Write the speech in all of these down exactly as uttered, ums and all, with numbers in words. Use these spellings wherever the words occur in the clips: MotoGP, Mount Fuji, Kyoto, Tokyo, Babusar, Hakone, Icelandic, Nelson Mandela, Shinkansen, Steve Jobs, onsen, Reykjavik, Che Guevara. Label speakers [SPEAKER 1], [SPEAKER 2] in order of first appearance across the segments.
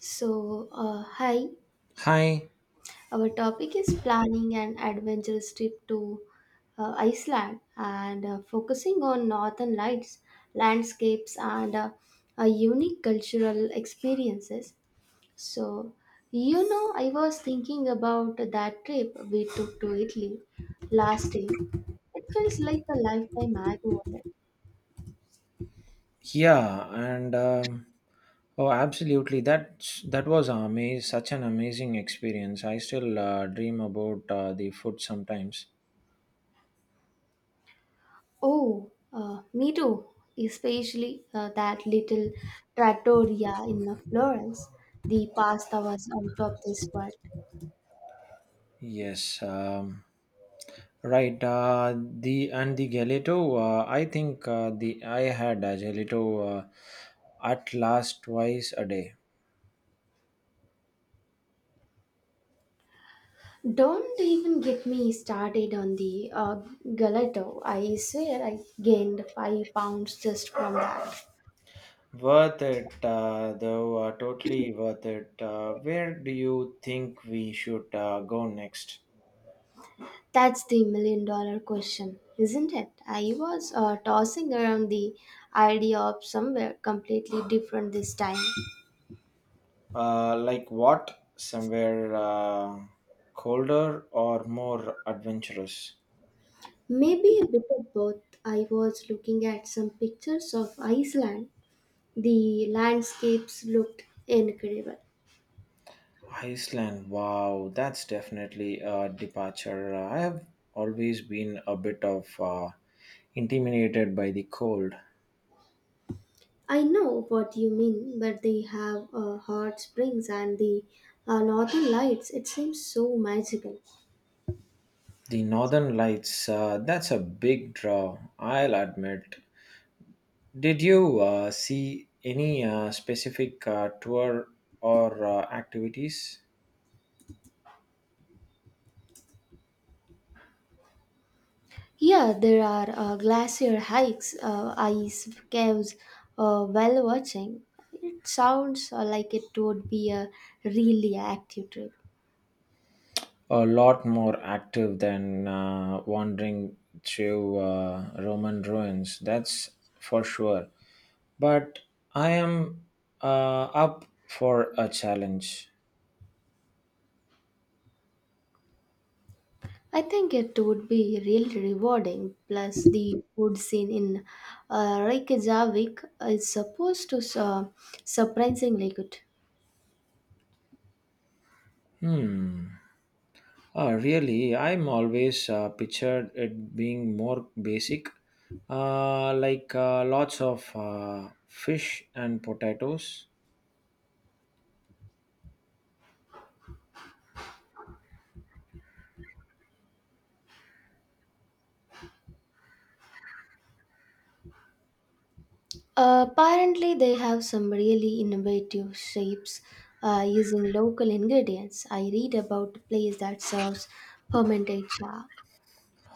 [SPEAKER 1] So, uh, hi,
[SPEAKER 2] Hi,
[SPEAKER 1] our topic is planning an adventurous trip to uh, Iceland and uh, focusing on northern lights, landscapes, and uh, uh, unique cultural experiences. So, you know, I was thinking about that trip we took to Italy last year. It feels like a lifetime ago.
[SPEAKER 2] yeah, and um, oh, absolutely. That that was amazing, such an amazing experience. I still uh, dream about uh, the food sometimes.
[SPEAKER 1] Oh, uh, me too. Especially uh, that little trattoria in Florence. The pasta was out of this world.
[SPEAKER 2] Yes, um, right. Uh, the and the gelato. Uh, I think uh, the I had a gelato uh, at last twice a day.
[SPEAKER 1] Don't even get me started on the uh, gelato. I swear I gained five pounds just from that.
[SPEAKER 2] Worth it, uh, though. Uh, totally worth it. Uh, where do you think we should uh, go next?
[SPEAKER 1] That's the million dollar question, isn't it? I was uh, tossing around the idea of somewhere completely different this time.
[SPEAKER 2] Uh, like what? Somewhere uh, colder or more adventurous?
[SPEAKER 1] Maybe a bit of both. I was looking at some pictures of Iceland. The landscapes looked incredible.
[SPEAKER 2] Iceland, wow, that's definitely a departure. Uh, I have always been a bit of uh, intimidated by the cold.
[SPEAKER 1] I know what you mean, but they have uh, hot springs and the uh, northern lights. It seems so magical.
[SPEAKER 2] The northern lights, uh, that's a big draw, I'll admit. Did you uh, see any uh, specific uh, tour or uh, activities?
[SPEAKER 1] Yeah, there are uh, glacier hikes, uh, ice caves, uh, whale watching. It sounds uh, like it would be a really active trip.
[SPEAKER 2] A lot more active than uh, wandering through uh, Roman ruins. That's for sure. But I am uh, up for a challenge.
[SPEAKER 1] I think it would be really rewarding. Plus, the food scene in uh, Reykjavik is supposed to su- surprisingly good.
[SPEAKER 2] Hmm. Ah, really, I'm always uh, pictured it being more basic, uh, like uh, lots of uh, fish and potatoes.
[SPEAKER 1] Uh, apparently, they have some really innovative shapes uh, using local ingredients. I read about a place that serves fermented shark.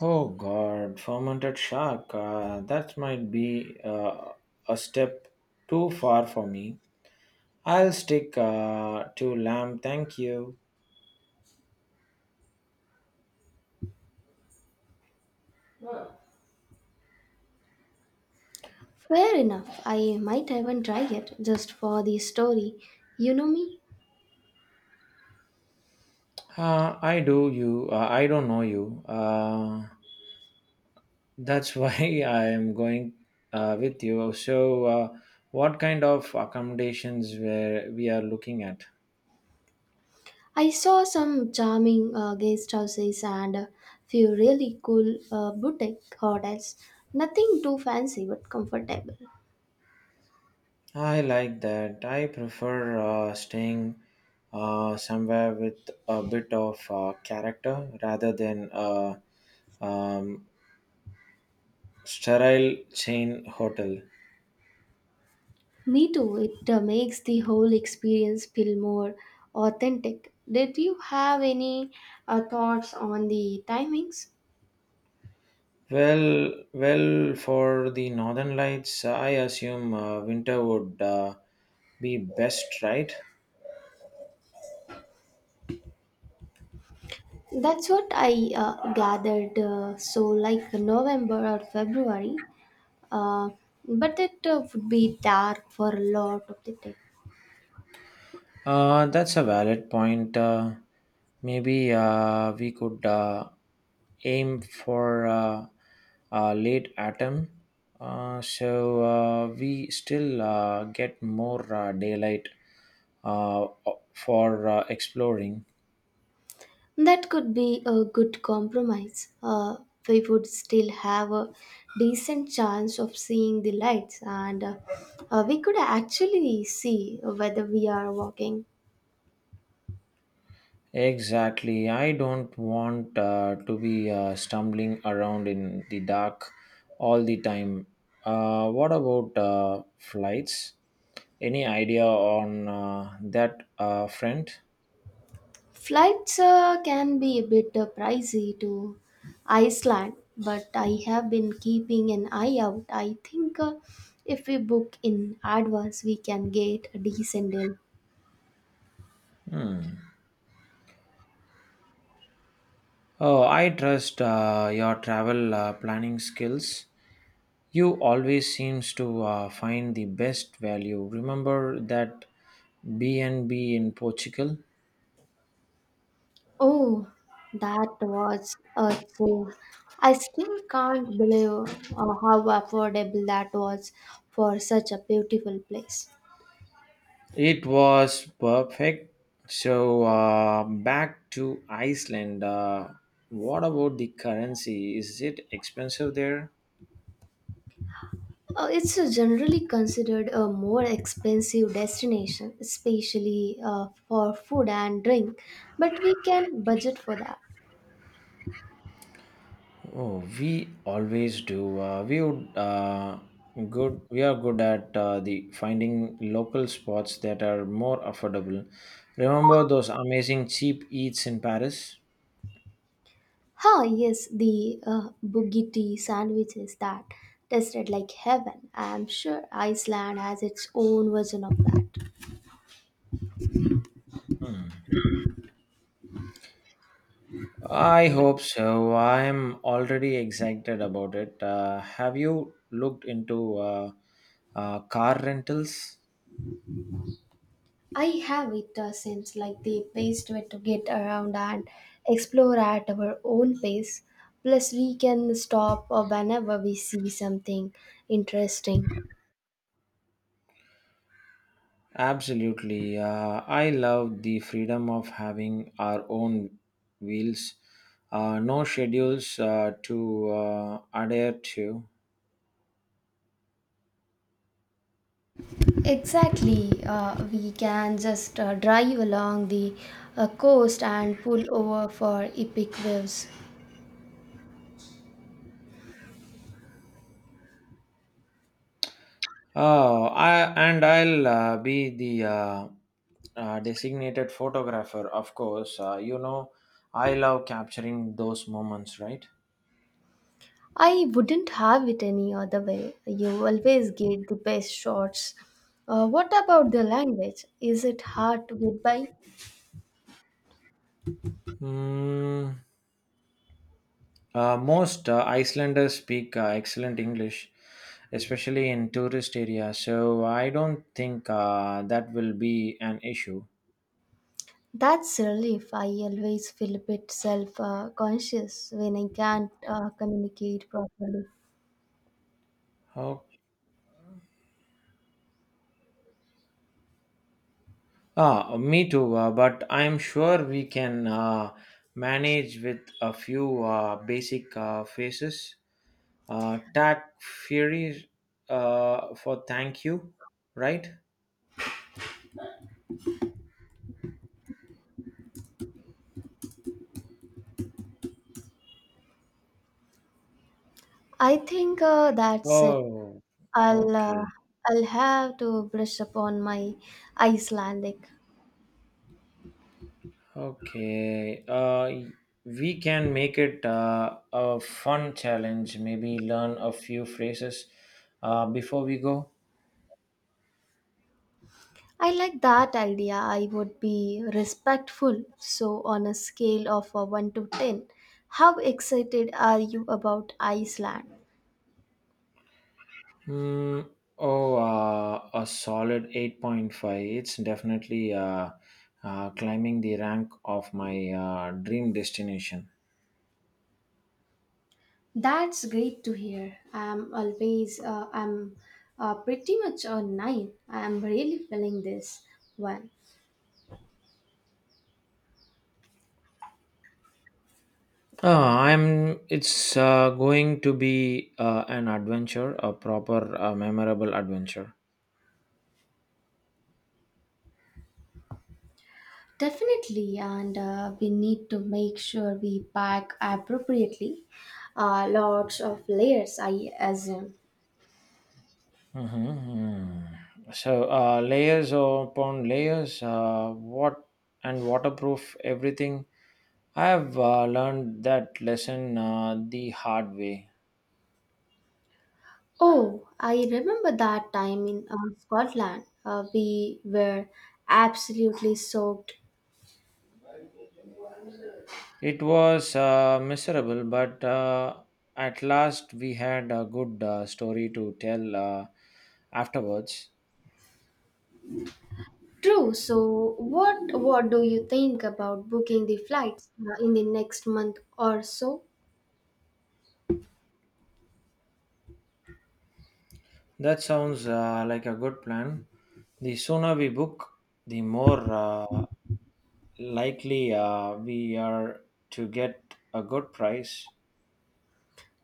[SPEAKER 2] Oh God, fermented shark. Uh, that might be uh, a step too far for me. I'll stick uh, to lamb. Thank you.
[SPEAKER 1] Fair enough. I might even try it just for the story. You know me.
[SPEAKER 2] Uh, I do you. Uh, I don't know you. Uh, that's why I am going uh, with you. So, uh, what kind of accommodations were we are looking at?
[SPEAKER 1] I saw some charming uh, guest houses and a few really cool uh, boutique hotels. Nothing too fancy but comfortable.
[SPEAKER 2] I like that. I prefer uh, staying uh, somewhere with a bit of uh, character rather than a um, sterile chain hotel.
[SPEAKER 1] Me too. It uh, makes the whole experience feel more authentic. Did you have any uh, thoughts on the timings?
[SPEAKER 2] Well, well, for the Northern Lights, I assume uh, winter would uh, be best, right?
[SPEAKER 1] That's what I uh, gathered. Uh, so, like November or February, uh, but it uh, would be dark for a lot of the day.
[SPEAKER 2] Uh, that's a valid point. Uh, maybe uh, we could uh, aim for uh, uh, late autumn uh, so uh, we still uh, get more uh, daylight uh, for uh, exploring.
[SPEAKER 1] That could be a good compromise. Uh, we would still have a decent chance of seeing the lights, and uh, uh, we could actually see whether we are walking.
[SPEAKER 2] Exactly. I don't want uh, to be uh, stumbling around in the dark all the time. Uh, what about uh, flights? Any idea on uh, that uh, front?
[SPEAKER 1] Flights uh, can be a bit uh, pricey to Iceland, but I have been keeping an eye out. I think uh, if we book in advance, we can get a decent deal.
[SPEAKER 2] Hmm. Oh, I trust uh, your travel uh, planning skills. You always seems to uh, find the best value. Remember that B and B in Portugal?
[SPEAKER 1] Oh, that was a thrill. I still can't believe uh, how affordable that was for such a beautiful place.
[SPEAKER 2] It was perfect. So uh, back to Iceland. Uh, what about the currency? Is it expensive there?
[SPEAKER 1] Uh, it's uh, generally considered a more expensive destination, especially uh, for food and drink, but we can budget for that.
[SPEAKER 2] Oh, we always do. Uh, we would, uh, good. We are good at uh, the finding local spots that are more affordable. Remember those amazing cheap eats in Paris?
[SPEAKER 1] Huh, yes, the uh, bugatti sandwiches that tasted like heaven. I'm sure Iceland has its own version of that.
[SPEAKER 2] I hope so. I am already excited about it. Uh, have you looked into uh, uh, car rentals?
[SPEAKER 1] I have it uh, since like the best way to get around and explore at our own pace. Plus, we can stop uh, whenever we see something interesting.
[SPEAKER 2] Absolutely. Uh, I love the freedom of having our own wheels, uh, no schedules uh, to uh, adhere to.
[SPEAKER 1] Exactly, uh, we can just uh, drive along the uh, coast and pull over for epic waves.
[SPEAKER 2] Oh, I and I'll uh, be the uh, uh, designated photographer, of course. Uh, you know, I love capturing those moments, right?
[SPEAKER 1] I wouldn't have it any other way. You always get the best shots. Uh, what about the language? Is it hard to get by?
[SPEAKER 2] Hmm. Uh, most uh, Icelanders speak uh, excellent English, especially in tourist areas, so I don't think uh, that will be an issue.
[SPEAKER 1] That's relief. I always feel a bit self uh, conscious when I can't uh, communicate properly.
[SPEAKER 2] Oh. Ah, me too, uh, but I'm sure we can uh, manage with a few uh, basic uh, phrases. Uh, tack fury uh, for thank you, right?
[SPEAKER 1] I think uh, that's it.
[SPEAKER 2] Oh,
[SPEAKER 1] I'll uh,
[SPEAKER 2] okay.
[SPEAKER 1] I'll have to brush up on my Icelandic.
[SPEAKER 2] Okay, uh, we can make it uh, a fun challenge. Maybe learn a few phrases uh, before we go.
[SPEAKER 1] I like that idea. I would be respectful. So on a scale of uh, one to ten, how excited are you about Iceland?
[SPEAKER 2] Hmm. Oh, uh, a solid eight point five. It's definitely uh, uh, climbing the rank of my uh, dream destination.
[SPEAKER 1] That's great to hear. I'm always, uh, I'm uh, pretty much a nine. I'm really feeling this one.
[SPEAKER 2] Uh, I'm. It's uh, going to be uh, an adventure, a proper, uh, memorable adventure.
[SPEAKER 1] Definitely, and uh, we need to make sure we pack appropriately. Uh, lots of layers, I assume.
[SPEAKER 2] Mhm. So uh, layers upon layers, uh, what and waterproof everything. I have uh, learned that lesson uh, the hard way.
[SPEAKER 1] Oh, I remember that time in uh, Scotland. Uh, we were absolutely soaked.
[SPEAKER 2] It was uh, miserable, but uh, at last we had a good uh, story to tell uh, afterwards.
[SPEAKER 1] True. So, what what do you think about booking the flights uh, in the next month or so?
[SPEAKER 2] That sounds uh, like a good plan. The sooner we book, the more uh, likely uh, we are to get a good price.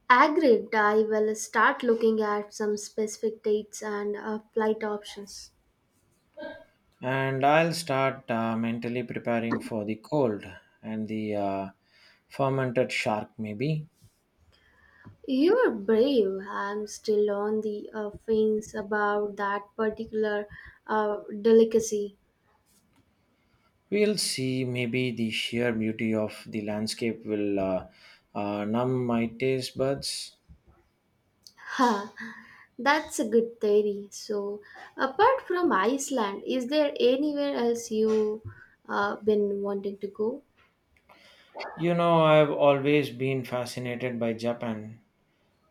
[SPEAKER 1] Agreed. I will start looking at some specific dates and uh, flight options.
[SPEAKER 2] And I'll start uh, mentally preparing for the cold and the uh, fermented shark, maybe.
[SPEAKER 1] You are brave. I'm still on the uh, fence about that particular uh, delicacy.
[SPEAKER 2] We'll see, maybe the sheer beauty of the landscape will uh, uh, numb my taste buds.
[SPEAKER 1] Ha, that's a good theory. So, apart from Iceland, is there anywhere else you uh, been wanting to go?
[SPEAKER 2] You know, I've always been fascinated by Japan.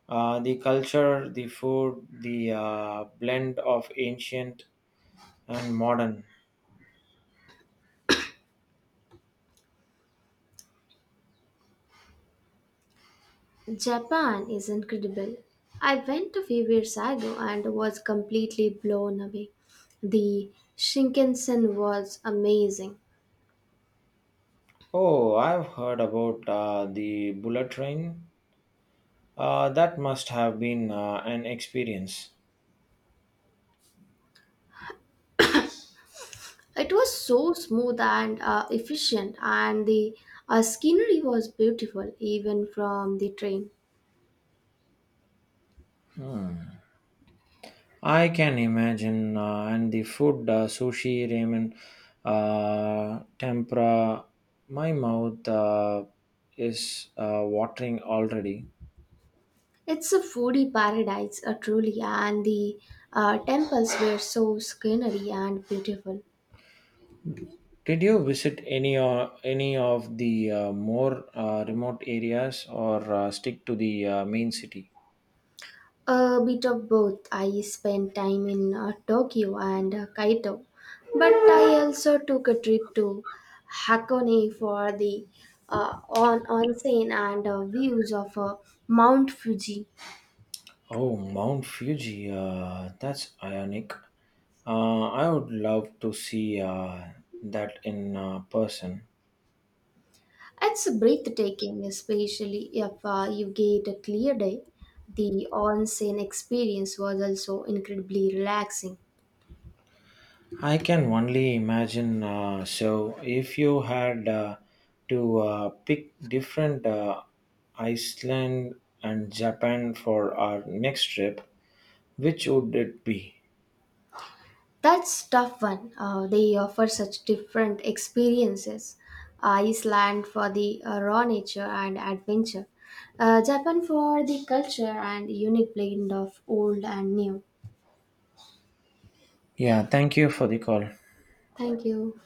[SPEAKER 2] Uh, the culture, the food, the uh, blend of ancient and modern.
[SPEAKER 1] Japan is incredible. I went a few years ago and was completely blown away. The Shinkansen was amazing.
[SPEAKER 2] Oh, I've heard about uh, the bullet train. Uh, that must have been uh, an experience.
[SPEAKER 1] It was so smooth and uh, efficient, and the uh, scenery was beautiful even from the train.
[SPEAKER 2] I can imagine, uh, and the food, uh, sushi, ramen, uh, tempura, my mouth uh, is uh, watering already.
[SPEAKER 1] It's a foodie paradise, uh, truly, and the uh, temples were so scenery and beautiful.
[SPEAKER 2] Did you visit any or any of the uh, more uh, remote areas, or uh, stick to the uh, main city?
[SPEAKER 1] A bit of both. I spent time in uh, Tokyo and uh, Kyoto, but I also took a trip to Hakone for the uh, on onsen and uh, views of uh, Mount Fuji.
[SPEAKER 2] Oh, Mount Fuji, uh, that's ionic. Uh, I would love to see uh, that in uh, person.
[SPEAKER 1] It's breathtaking, especially if uh, you get a clear day. The onsen experience was also incredibly relaxing.
[SPEAKER 2] I can only imagine. Uh, so, if you had uh, to uh, pick different uh, Iceland and Japan for our next trip, which would it be?
[SPEAKER 1] That's tough one. Uh, they offer such different experiences. Iceland for the uh, raw nature and adventure. Uh, Japan for the culture and unique blend of old and new.
[SPEAKER 2] Yeah, thank you for the call.
[SPEAKER 1] Thank you.